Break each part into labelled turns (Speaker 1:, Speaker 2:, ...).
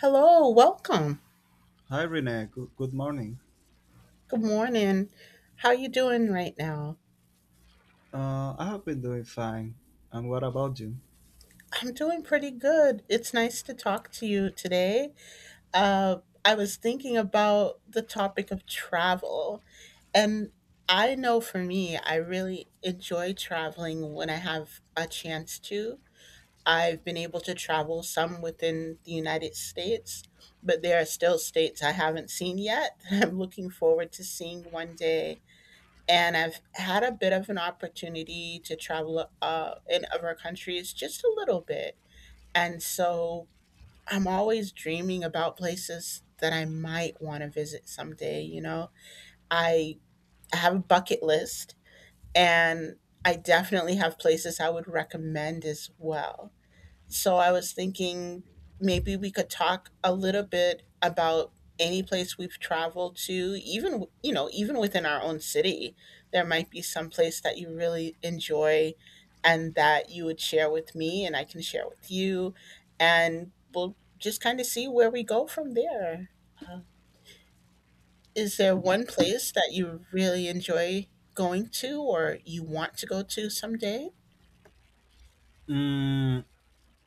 Speaker 1: Hello, welcome.
Speaker 2: Hi Renee, good morning.
Speaker 1: Good morning. How you doing right now?
Speaker 2: I have been doing fine. And what about you?
Speaker 1: I'm doing pretty good. It's nice to talk to you today. Uh, I was thinking about the topic of travel, and I know for me, I really enjoy traveling when I have a chance to. I've been able to travel some within the United States, but there are still states I haven't seen yet that I'm looking forward to seeing one day and I've had a bit of an opportunity to travel in other countries just a little bit. And so I'm always dreaming about places that I might want to visit someday. I have a bucket list and I definitely have places I would recommend as well. So I was thinking maybe we could talk a little bit about any place we've traveled to, even within our own city. There might be some place that you really enjoy and that you would share with me and I can share with you and we'll just kind of see where we go from there. Uh, Is there one place that you really enjoy going to or you want to go to someday?
Speaker 2: Mm,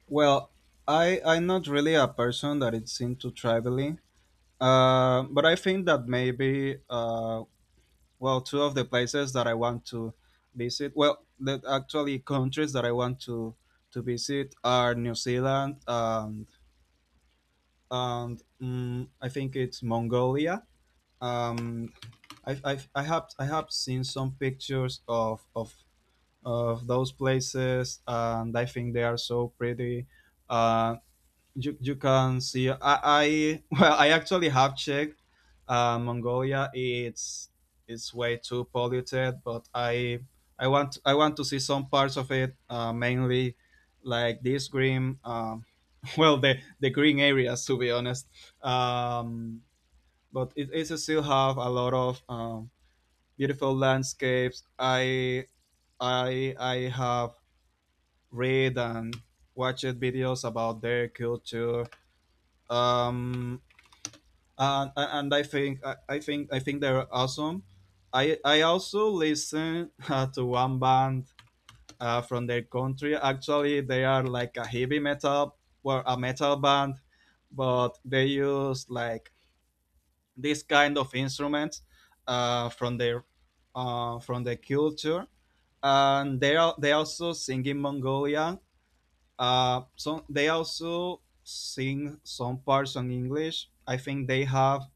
Speaker 2: well, I'm not really a person that is into traveling, but I think that maybe two of the places that I want to visit, well, the actually countries that I want to visit are New Zealand and I think it's Mongolia. Um, I have seen some pictures of those places, and I think they are so pretty. Uh, you can see I well, I actually have checked, Mongolia. It's way too polluted, but I want to see some parts of it, mainly like this green, well, the green areas to be honest. Um, but it still have a lot of, beautiful landscapes. I have read and watch videos about their culture. Um, and I think they're awesome. I also listen to one band, from their country. Actually, they are like a heavy metal, well, a metal band, but they use like this kind of instruments, uh, from their from their culture, and they also sing in Mongolian. So they also sing some parts on English. I think they have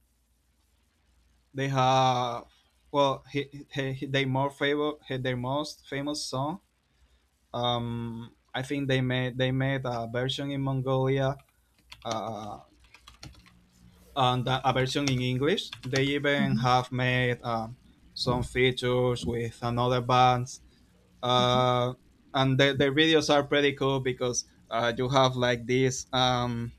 Speaker 2: they have well he- they more favor he, their most famous song. I think they made a version in Mongolia, uh, and a version in English. They even
Speaker 1: Mhm.
Speaker 2: have made, some features with another band, uh, and the videos are pretty cool because, you have like these um,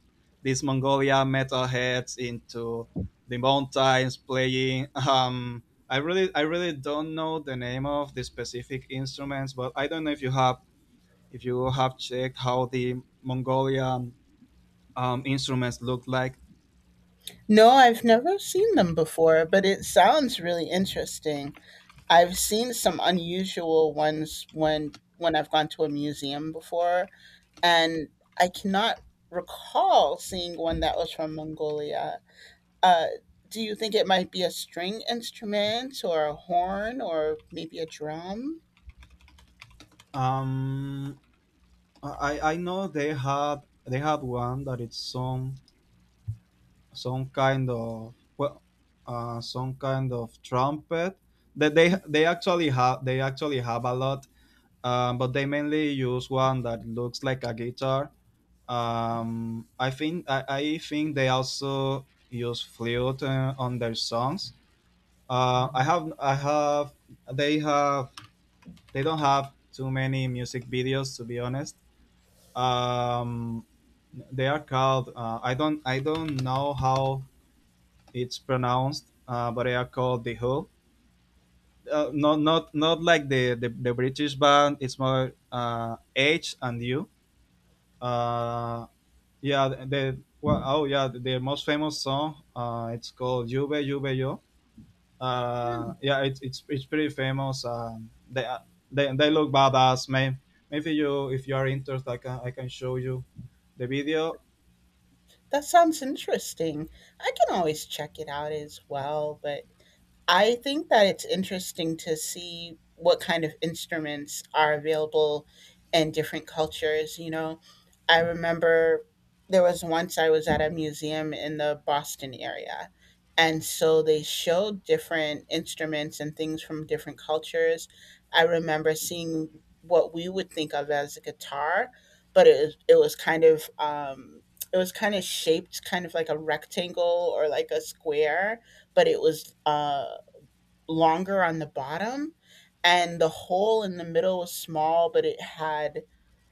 Speaker 2: these Mongolia metalheads into the mountains playing. I really don't know the name of the specific instruments, but I don't know if you have checked how the Mongolian, instruments look like.
Speaker 1: No, I've never seen them before, but it sounds really interesting. I've seen some unusual ones when I've gone to a museum before, and I cannot recall seeing one that was from Mongolia. Uh, do you think it might be a string instrument or a horn or maybe a drum?
Speaker 2: Um, I know they had one that it's some kind of, well, some kind of trumpet that they actually have a lot, but they mainly use one that looks like a guitar. I think they also use flute, on their songs. I have they have They don't have too many music videos to be honest. um, they are called, I don't know how it's pronounced, but they are called the Who. Not like the British band. It's more, H and U. Uh, oh yeah, the most famous song. It's called Juve Juve Yo.
Speaker 1: Hmm,
Speaker 2: Yeah, it's pretty famous. They look badass, man. Maybe you, if you are interested, I can show you the video.
Speaker 1: that sounds interesting. I can always check it out as well, but I think that it's interesting to see what kind of instruments are available in different cultures. I remember there was once I was at a museum in the Boston area, and so they showed different instruments and things from different cultures. I remember seeing what we would think of as a guitar, but it was kind of shaped kind of like a rectangle or like a square but it was longer on the bottom and the hole in the middle was small but it had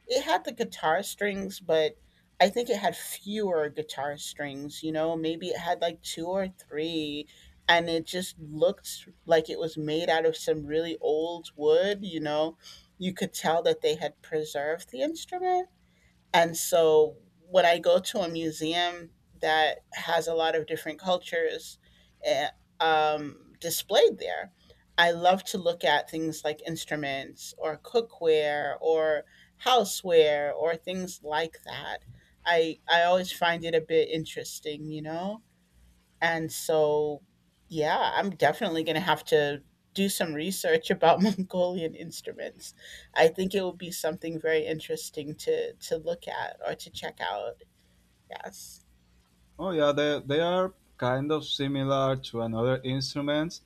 Speaker 1: the guitar strings but I think it had fewer guitar strings maybe it had like two or three and it just looked like it was made out of some really old wood. You could tell that they had preserved the instrument and so when I go to a museum that has a lot of different cultures eh, displayed there, I love to look at things like instruments or cookware or houseware or things like that. I always find it a bit interesting, you know? And so, yeah, I'm definitely going to have to do some research about Mongolian instruments. I think it would be something very interesting to look at or to check out. Yes.
Speaker 2: Oh yeah, they are kind of similar to another instrument,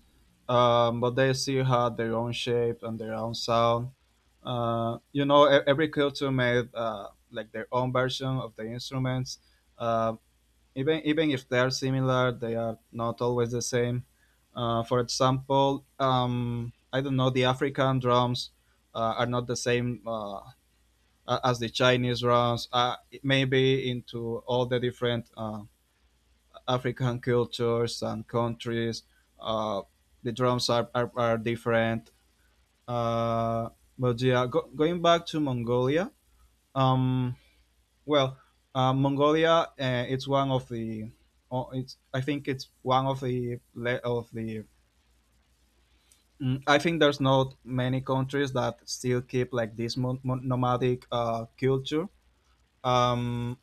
Speaker 2: but they still had their own shape and their own sound. Every culture made, like their own version of the instruments. Uh, even if they are similar, they are not always the same. For example, I don't know, the African drums, are not the same, as the Chinese drums. Maybe into all the different African cultures and countries. Uh, the drums are different. Uh, but yeah, going back to Mongolia, um, well, Mongolia, it's one of the, oh, it's, I think it's one of the I think there's not many countries that still keep like this nomadic, culture. Um,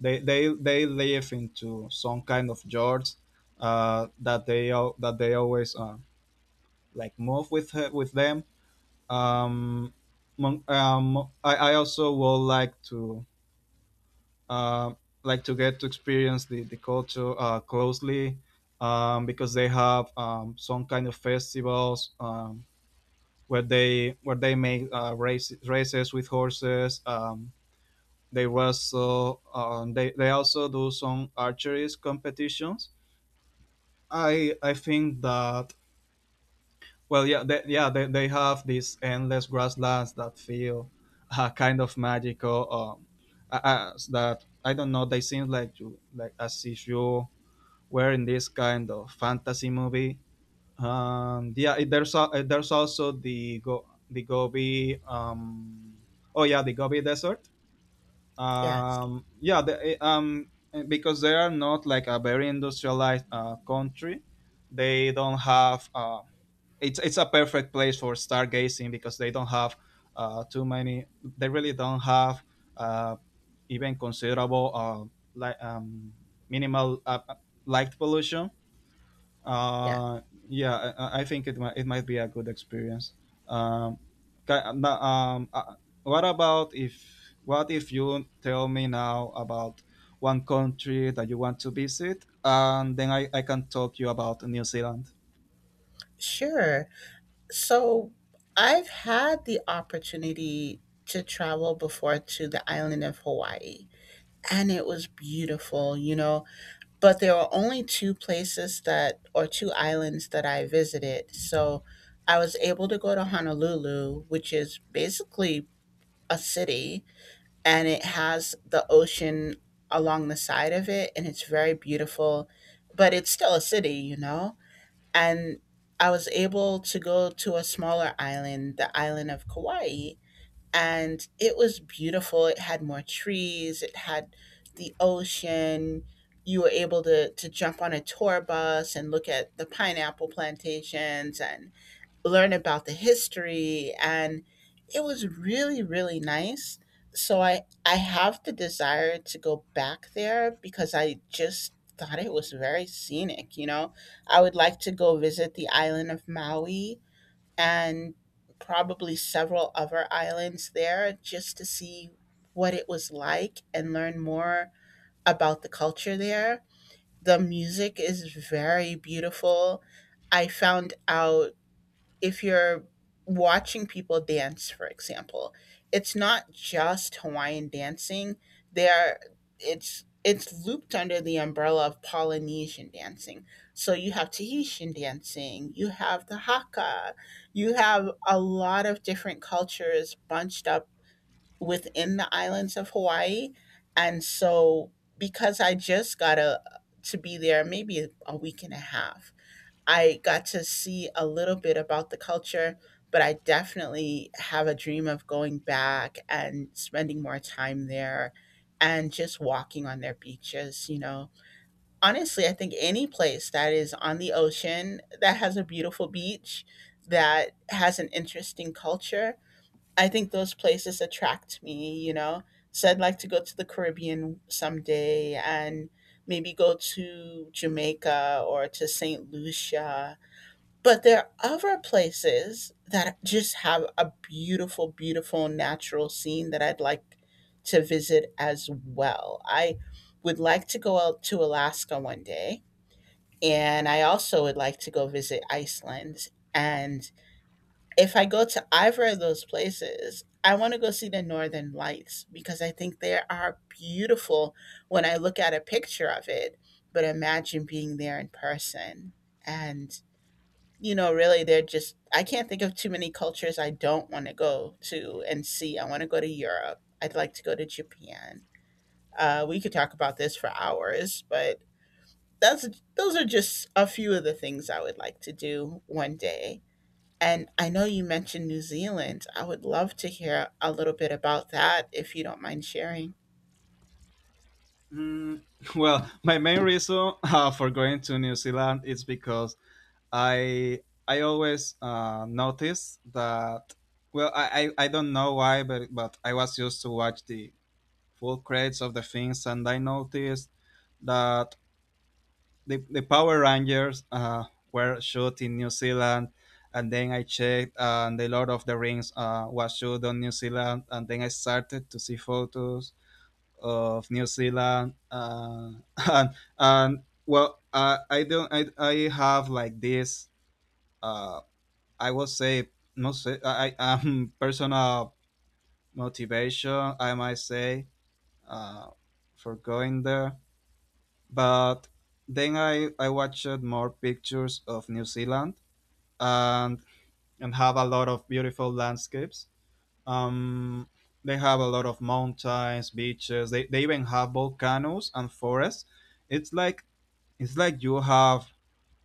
Speaker 2: they live into some kind of jars, that they always, like move with her, with them. Um, I also would like to, uh, like to get to experience the culture, closely, because they have, some kind of festivals, where they make, races with horses. They wrestle. They also do some archery competitions. I think that Well, yeah, they have these endless grasslands that feel, kind of magical. That, I don't know, they seem like you, like as if you were in this kind of fantasy movie. And yeah, there's also the Gobi, oh yeah, the Gobi Desert.
Speaker 1: Yes.
Speaker 2: Yeah, because they are not like a very industrialized, country. They don't have, it's a perfect place for stargazing because they don't have, too many. They really don't have, uh, even considerable, light, minimal, light pollution.
Speaker 1: Yeah.
Speaker 2: Uh, yeah, I think it might be a good experience. Um, ca- um, uh, what about if what if you tell me now about one country that you want to visit, and then I can talk you about New Zealand.
Speaker 1: Sure. So, I've had the opportunity to travel before to the island of Hawaii, and it was beautiful. But there are only two places that or two islands that I visited. So I was able to go to Honolulu, which is basically a city and it has the ocean along the side of it and it's very beautiful, but it's still a city, you know? And I was able to go to a smaller island, the island of Kauai, and it was beautiful. It had more trees, it had the ocean. You were able to jump on a tour bus and look at the pineapple plantations and learn about the history. And it was really, really nice. So I have the desire to go back there because I just thought it was very scenic. I would like to go visit the island of Maui and probably several other islands there just to see what it was like and learn more about the culture there. The music is very beautiful. I found out if you're watching people dance, for example, it's not just Hawaiian dancing. There, it's looped under the umbrella of Polynesian dancing. So you have Tahitian dancing, you have the Hakka, you have a lot of different cultures bunched up within the islands of Hawaii. And so because I just got to be there maybe a week and a half, I got to see a little bit about the culture, but I definitely have a dream of going back and spending more time there and just walking on their beaches. Honestly, I think any place that is on the ocean that has a beautiful beach, that has an interesting culture, I think those places attract me. So I'd like to go to the Caribbean someday and maybe go to Jamaica or to St. Lucia, but there are other places that just have a beautiful, beautiful natural scene that I'd like to visit as well. I would like to go out to Alaska one day, and I also would like to go visit Iceland. And if I go to either of those places, I want to go see the Northern Lights because I think they are beautiful when I look at a picture of it, but imagine being there in person. And really, they're just, I can't think of too many cultures I don't want to go to and see. I want to go to Europe. I'd like to go to Japan. We could talk about this for hours, but that's, those are just a few of the things I would like to do one day. And I know you mentioned New Zealand. I would love to hear a little bit about that if you don't mind sharing.
Speaker 2: Mm, well, my main reason, for going to New Zealand is because I I always, notice that. Well, I don't know why, but I was used to watch the full credits of the things, and I noticed that the Power Rangers, were shot in New Zealand, and then I checked, and the Lord of the Rings, was shot on New Zealand, and then I started to see photos of New Zealand, and and I don't I have like this. Uh, I will say, no say I am personal motivation. I might say, uh, for going there, but then I watched more pictures of New Zealand, and and have a lot of beautiful landscapes. Um, they have a lot of mountains, beaches. They even have volcanoes and forests. It's like it's like you have.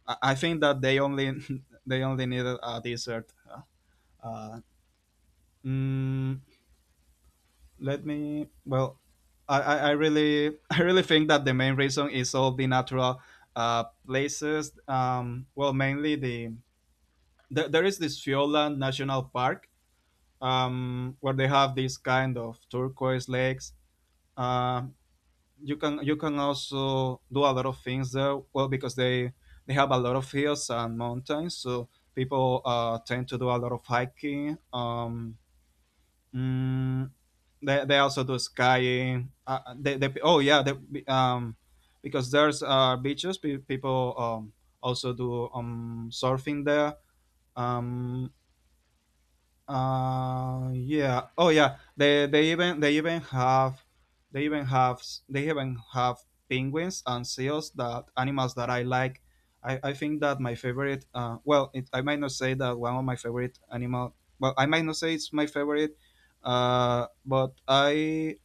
Speaker 2: I think that they only they only needed a desert. Uh, mm, Let me. Well, I really I really think that the main reason is all the natural, places. Well, mainly there there is this Fioland National Park, where they have these kind of turquoise lakes. Uh, you can also do a lot of things there. Well, because they have a lot of hills and mountains, so people, tend to do a lot of hiking. Mm, they also do skiing. They oh yeah, they, Because there's, beaches. People, also do, surfing there. Um, yeah. Oh, yeah. They even they even have they even have they even have penguins and seals, that animals that I like. I think that my favorite. Well, I might not say that, one of my favorite animal. Well, I might not say it's my favorite. But I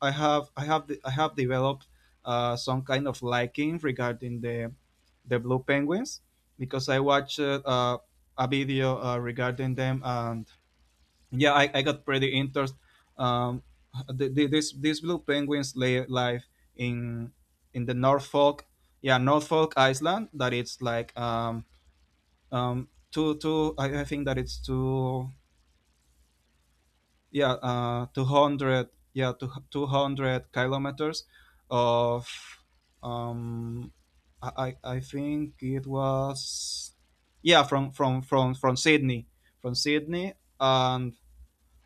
Speaker 2: I have I have de- I have developed, some kind of liking regarding the blue penguins because I watched, a video, regarding them. And yeah, I got pretty interest. um these blue penguins lay live in in the Norfolk Island, that it's like, I think that it's two, yeah, 200, yeah, two, 200 kilometers of, um I, I think it was, yeah, from Sydney, from sydney and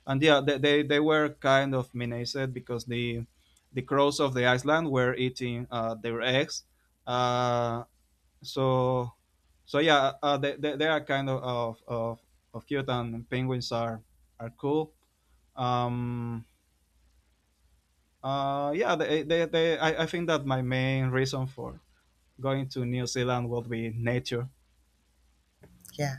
Speaker 2: and yeah, they were kind of menaced because the crows of the island were eating, their eggs. Uh, so so, yeah, they are kind of cute, and penguins are cool. Um, yeah, I think that my main reason for going to New Zealand would be nature.
Speaker 1: Yeah.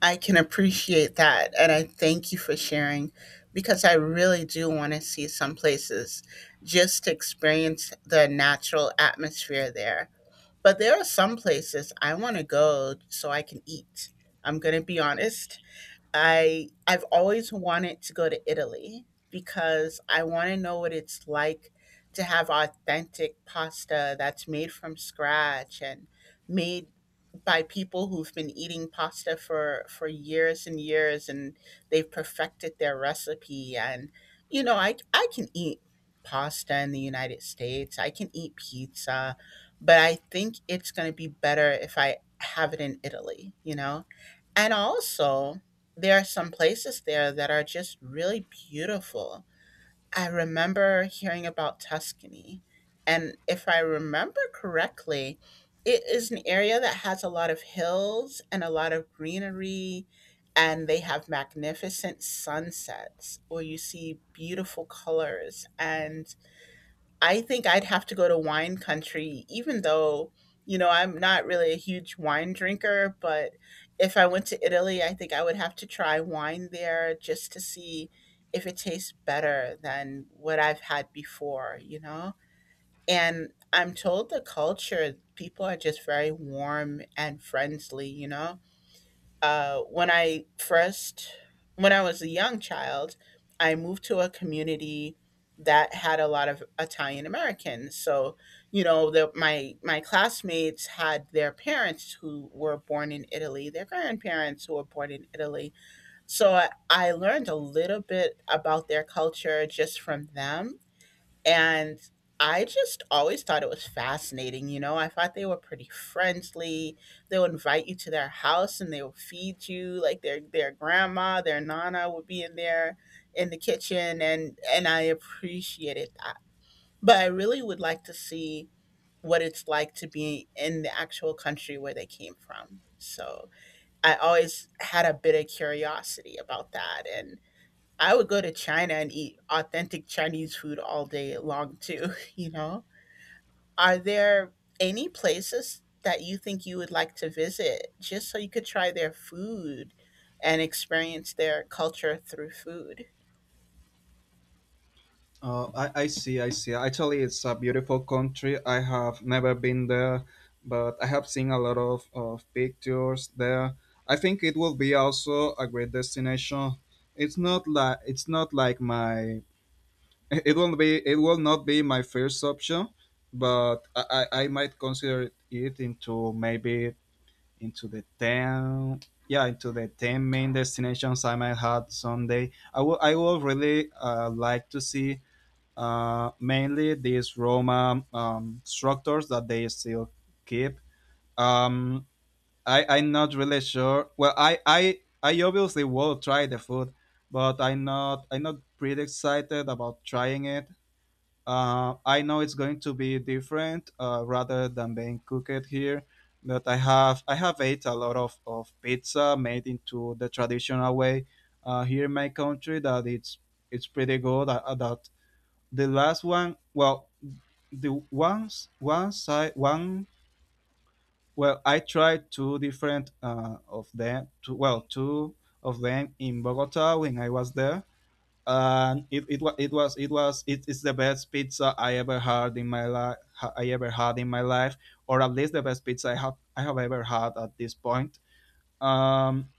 Speaker 1: I can appreciate that. And I thank you for sharing because I really do want to see some places just to experience the natural atmosphere there. But there are some places I want to go so I can eat. I'm going to be honest. I've always wanted to go to Italy because I want to know what it's like to have authentic pasta that's made from scratch and made by people who've been eating pasta for years and years and they've perfected their recipe and I can eat pasta in the United States. I can eat pizza, but I think it's going to be better if I have it in Italy, you know? And also, there are some places there that are just really beautiful. I remember hearing about Tuscany, and if I remember correctly, it is an area that has a lot of hills and a lot of greenery, and they have magnificent sunsets where you see beautiful colors and I think I'd have to go to wine country, even though, I'm not really a huge wine drinker. But if I went to Italy, I think I would have to try wine there just to see if it tastes better than what I've had before, you know? And I'm told the culture, people are just very warm and friendly, you know? Uh, when I first, when I was a young child, I moved to a community that had a lot of Italian Americans. So, you know, the, my classmates had their parents who were born in Italy, their grandparents who were born in Italy. So I learned a little bit about their culture just from them and I just always thought it was fascinating. I thought they were pretty friendly. They'll invite you to their house and they'll feed you. Like their grandma, their nana would be in there in the kitchen and I appreciated that. But I really would like to see what it's like to be in the actual country where they came from. So I always had a bit of curiosity about that. And I would go to China and eat authentic Chinese food all day long too, you know? Are there any places that you think you would like to visit just so you could try their food and experience their culture through food?
Speaker 2: Oh, I see. Actually, it's a beautiful country. I have never been there, but I have seen a lot of pictures there. I think it will be also a great destination. It's not like my it will not be my first option, but I might consider it into maybe into the ten yeah into the 10 main destinations I might have someday. I will really, like to see, mainly these Roma, structures that they still keep. Um, I'm not really sure. Well, I obviously will try the food, but I'm not pretty excited about trying it. I know it's going to be different, rather than being cooked here. But I have ate a lot of pizza made into the traditional way, here in my country, that it's pretty good. That the last one well the once one side, one well I tried two different of them, two of them in Bogota when I was there, and it is the best pizza I ever had in my life, I ever had in my life or at least the best pizza I have ever had at this point. um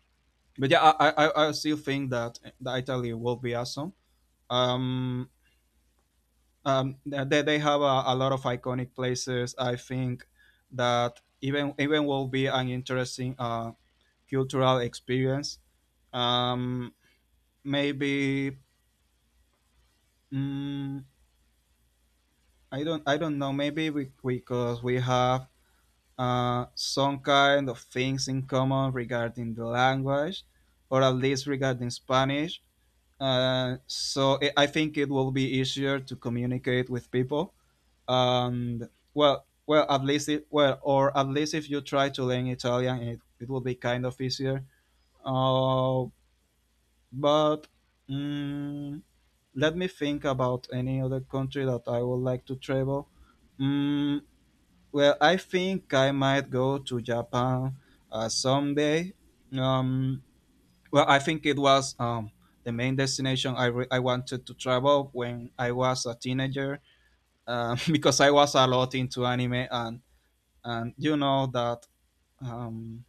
Speaker 2: but yeah, I still think that Italy will be awesome. um they have a lot of iconic places. I think that even will be an interesting cultural experience. Um, Maybe. mm, I don't know. Maybe we, because we have some kind of things in common regarding the language, or at least regarding Spanish. So I think it will be easier to communicate with people. And well, well, at least it, well, or at least if you try to learn Italian, it will be kind of easier. Uh, but mm, let me think about any other country that I would like to travel. Mm, well, I think I might go to Japan someday. Um, well, I think it was the main destination I wanted to travel when I was a teenager, because I was a lot into anime, and you know that, um,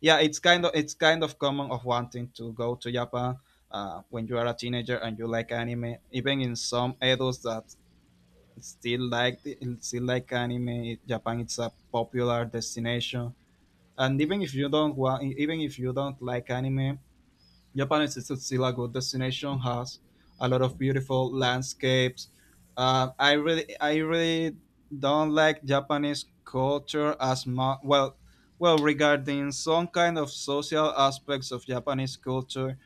Speaker 2: yeah, it's kind of common of wanting to go to Japan when you are a teenager and you like anime. Even in some adults that still like still like anime, Japan it's a popular destination. And even if you don't like anime, Japan is still a good destination. Has a lot of beautiful landscapes. I really don't like Japanese culture as much. Well, well, regarding some kind of social aspects of Japanese culture,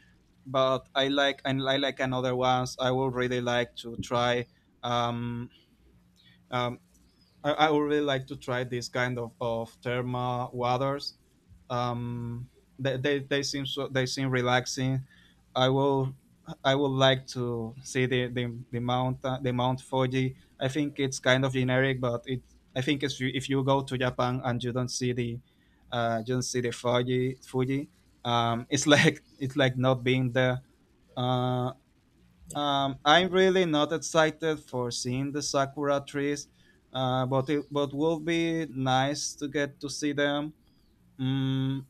Speaker 2: but I like another ones. Um, um, I would really like to try this kind of thermal waters. Um, they seem relaxing. I will I would like to see the Mount Fuji. I think it's kind of generic, but it I think if if you go to Japan and you don't see the Fuji, It's like not being there. Uh, I'm really not excited for seeing the sakura trees, but will be nice to get to see them. Mm,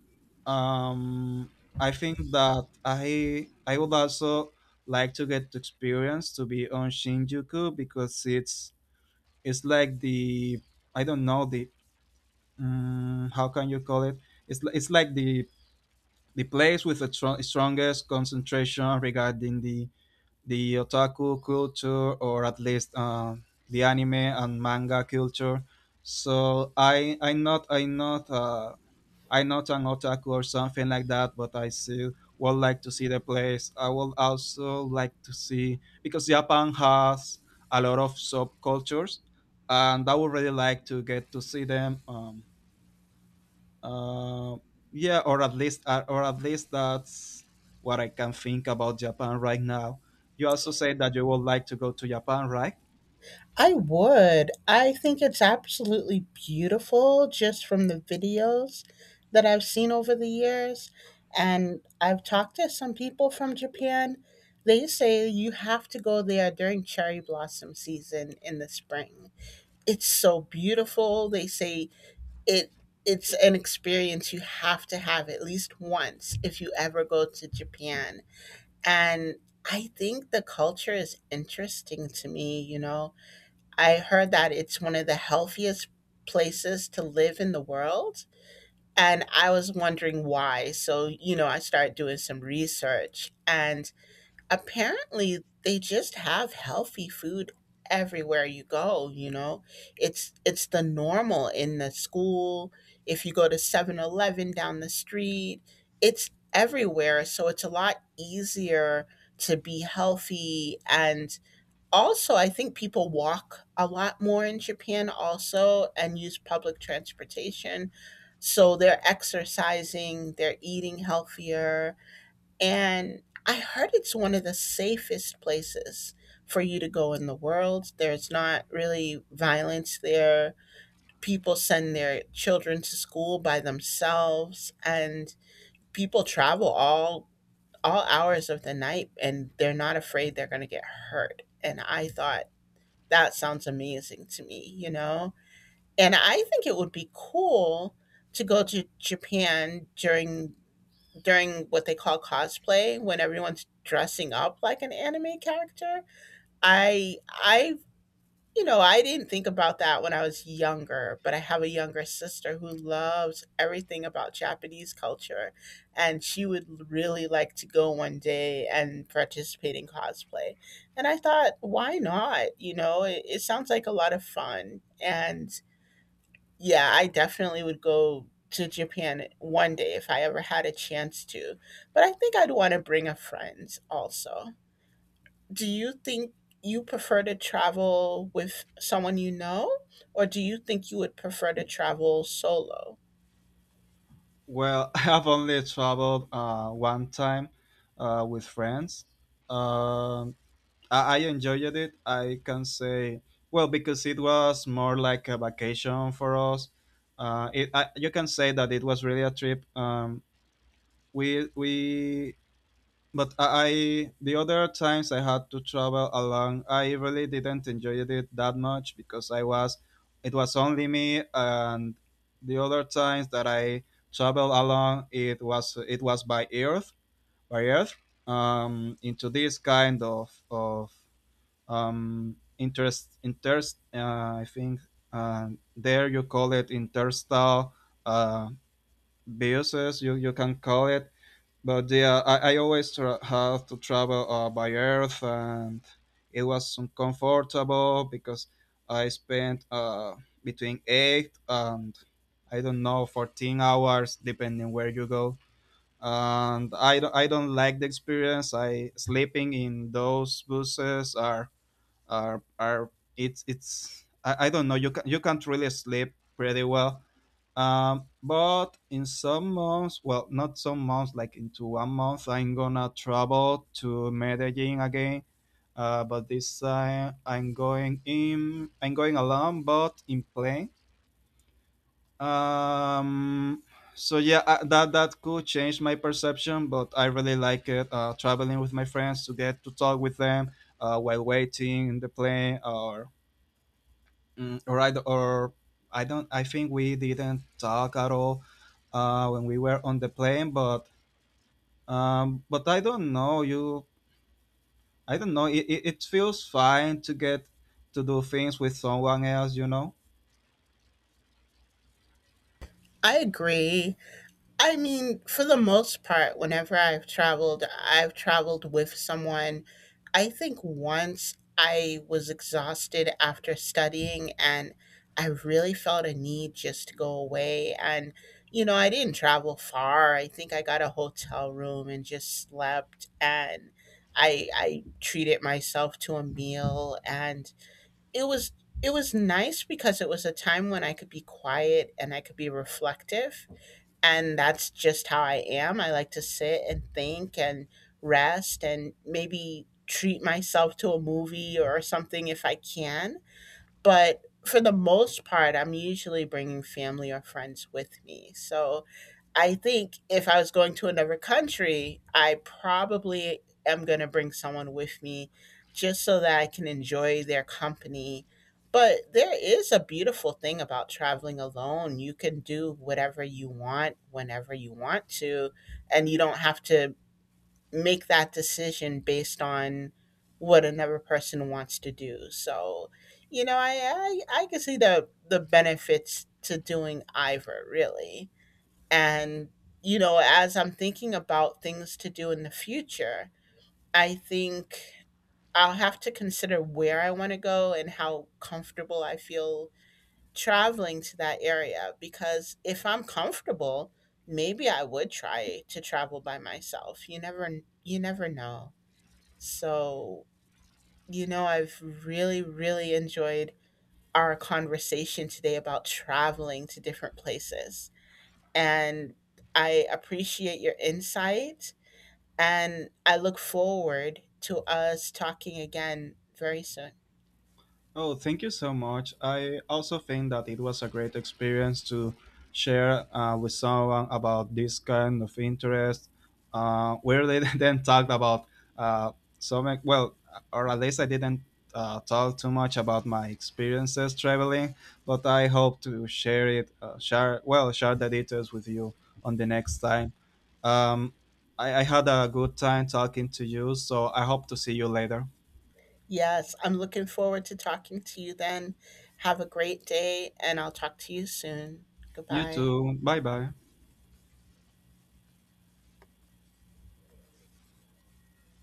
Speaker 2: um, I think that I would also like to get to experience to be on Shinjuku because it's like the— I don't know, the— how can you call it? It's like the place with the strongest concentration regarding the otaku culture, or at least the anime and manga culture. So I I'm not I'm not I'm not an otaku or something like that, but I still would like to see the place. I would also like to see because Japan has a lot of subcultures, and I would really like to get to see them. Uh, yeah, or at least that's what I can think about Japan right now. You also say that you would like to go to Japan, right?
Speaker 1: I would. I think it's absolutely beautiful just from the videos that I've seen over the years. And I've talked to some people from Japan. They say you have to go there during cherry blossom season in the spring. It's so beautiful. They say it it's an experience you have to have at least once if you ever go to Japan. And I think the culture is interesting to me. I heard that it's one of the healthiest places to live in the world. And I was wondering why. So, I started doing some research, and apparently they just have healthy food everywhere you go. It's the normal in the school, if you go to 7-Eleven down the street, it's everywhere, so it's a lot easier to be healthy. And also, I think people walk a lot more in Japan also and use public transportation. So they're exercising, they're eating healthier, and I heard it's one of the safest places for you to go in the world. There's not really violence there. People send their children to school by themselves and people travel all hours of the night and they're not afraid they're going to get hurt. And I thought that sounds amazing to me, you know? And I think it would be cool to go to Japan during what they call cosplay, when everyone's dressing up like an anime character. I I I didn't think about that when I was younger, but I have a younger sister who loves everything about Japanese culture, and she would really like to go one day and participate in cosplay. And I thought, why not? It sounds like a lot of fun. And yeah, I definitely would go to Japan one day if I ever had a chance to. But I think I'd want to bring a friend also. Do you think you prefer to travel with someone you know, or do you think you would prefer to travel solo?
Speaker 2: Well, I have only traveled one time with friends. Um, I enjoyed it. I can say, well, because it was more like a vacation for us. It, I, you can say that it was really a trip. We But the other times I had to travel along, I really didn't enjoy it that much because I was, it was only me, and the other times that I traveled along, it was by earth, by earth, into this kind of interest. I think there you call it interstellar uh, buses. You can call it, but yeah, I always have to travel by earth, and it was uncomfortable because I spent between 8 and, I don't know, 14 hours, depending where you go. And I don't like the experience. I sleeping in those buses are— it's— I don't know. You can't really sleep pretty well. But in some months, well, not some months, like into one month, I'm gonna travel to Medellin again. But this time, I'm going alone, but in plane. Um, so yeah, that could change my perception, but I really like it. Traveling with my friends to get to talk with them while waiting in the plane, or— Mm, or I d- or I don't. I think we didn't talk at all when we were on the plane. But I don't know you. I don't know. It feels fine to get to do things with someone else. You know.
Speaker 1: I agree. I mean, for the most part, whenever I've traveled with someone. I think once I was exhausted after studying and I really felt a need just to go away. And, I didn't travel far. I think I got a hotel room and just slept, and I treated myself to a meal and it was it was nice because it was a time when I could be quiet and I could be reflective, and that's just how I am. I like to sit and think and rest and maybe treat myself to a movie or something if I can. But for the most part, I'm usually bringing family or friends with me. So I think if I was going to another country, I probably am going to bring someone with me just so that I can enjoy their company. But there is a beautiful thing about traveling alone. You can do whatever you want whenever you want to, and you don't have to make that decision based on what another person wants to do. So, I can see the benefits to doing either, really. And, as I'm thinking about things to do in the future, I think I'll have to consider where I want to go and how comfortable I feel traveling to that area. Because if I'm comfortable, maybe I would try to travel by myself. You never know. So, I've really, really enjoyed our conversation today about traveling to different places, and I appreciate your insight. And I look forward to us talking again very soon.
Speaker 2: Oh, thank you so much. I also think that it was a great experience to share with someone about this kind of interest, where they then talked about uh, so much. Well, or at least I didn't talk too much about my experiences traveling, but I hope to share it, share the details with you on the next time. Um, I had a good time talking to you, so I hope to see you later.
Speaker 1: Yes, I'm looking forward to talking to you then. Have a great day, and I'll talk to you soon.
Speaker 2: You
Speaker 1: Goodbye.
Speaker 2: too. Bye bye.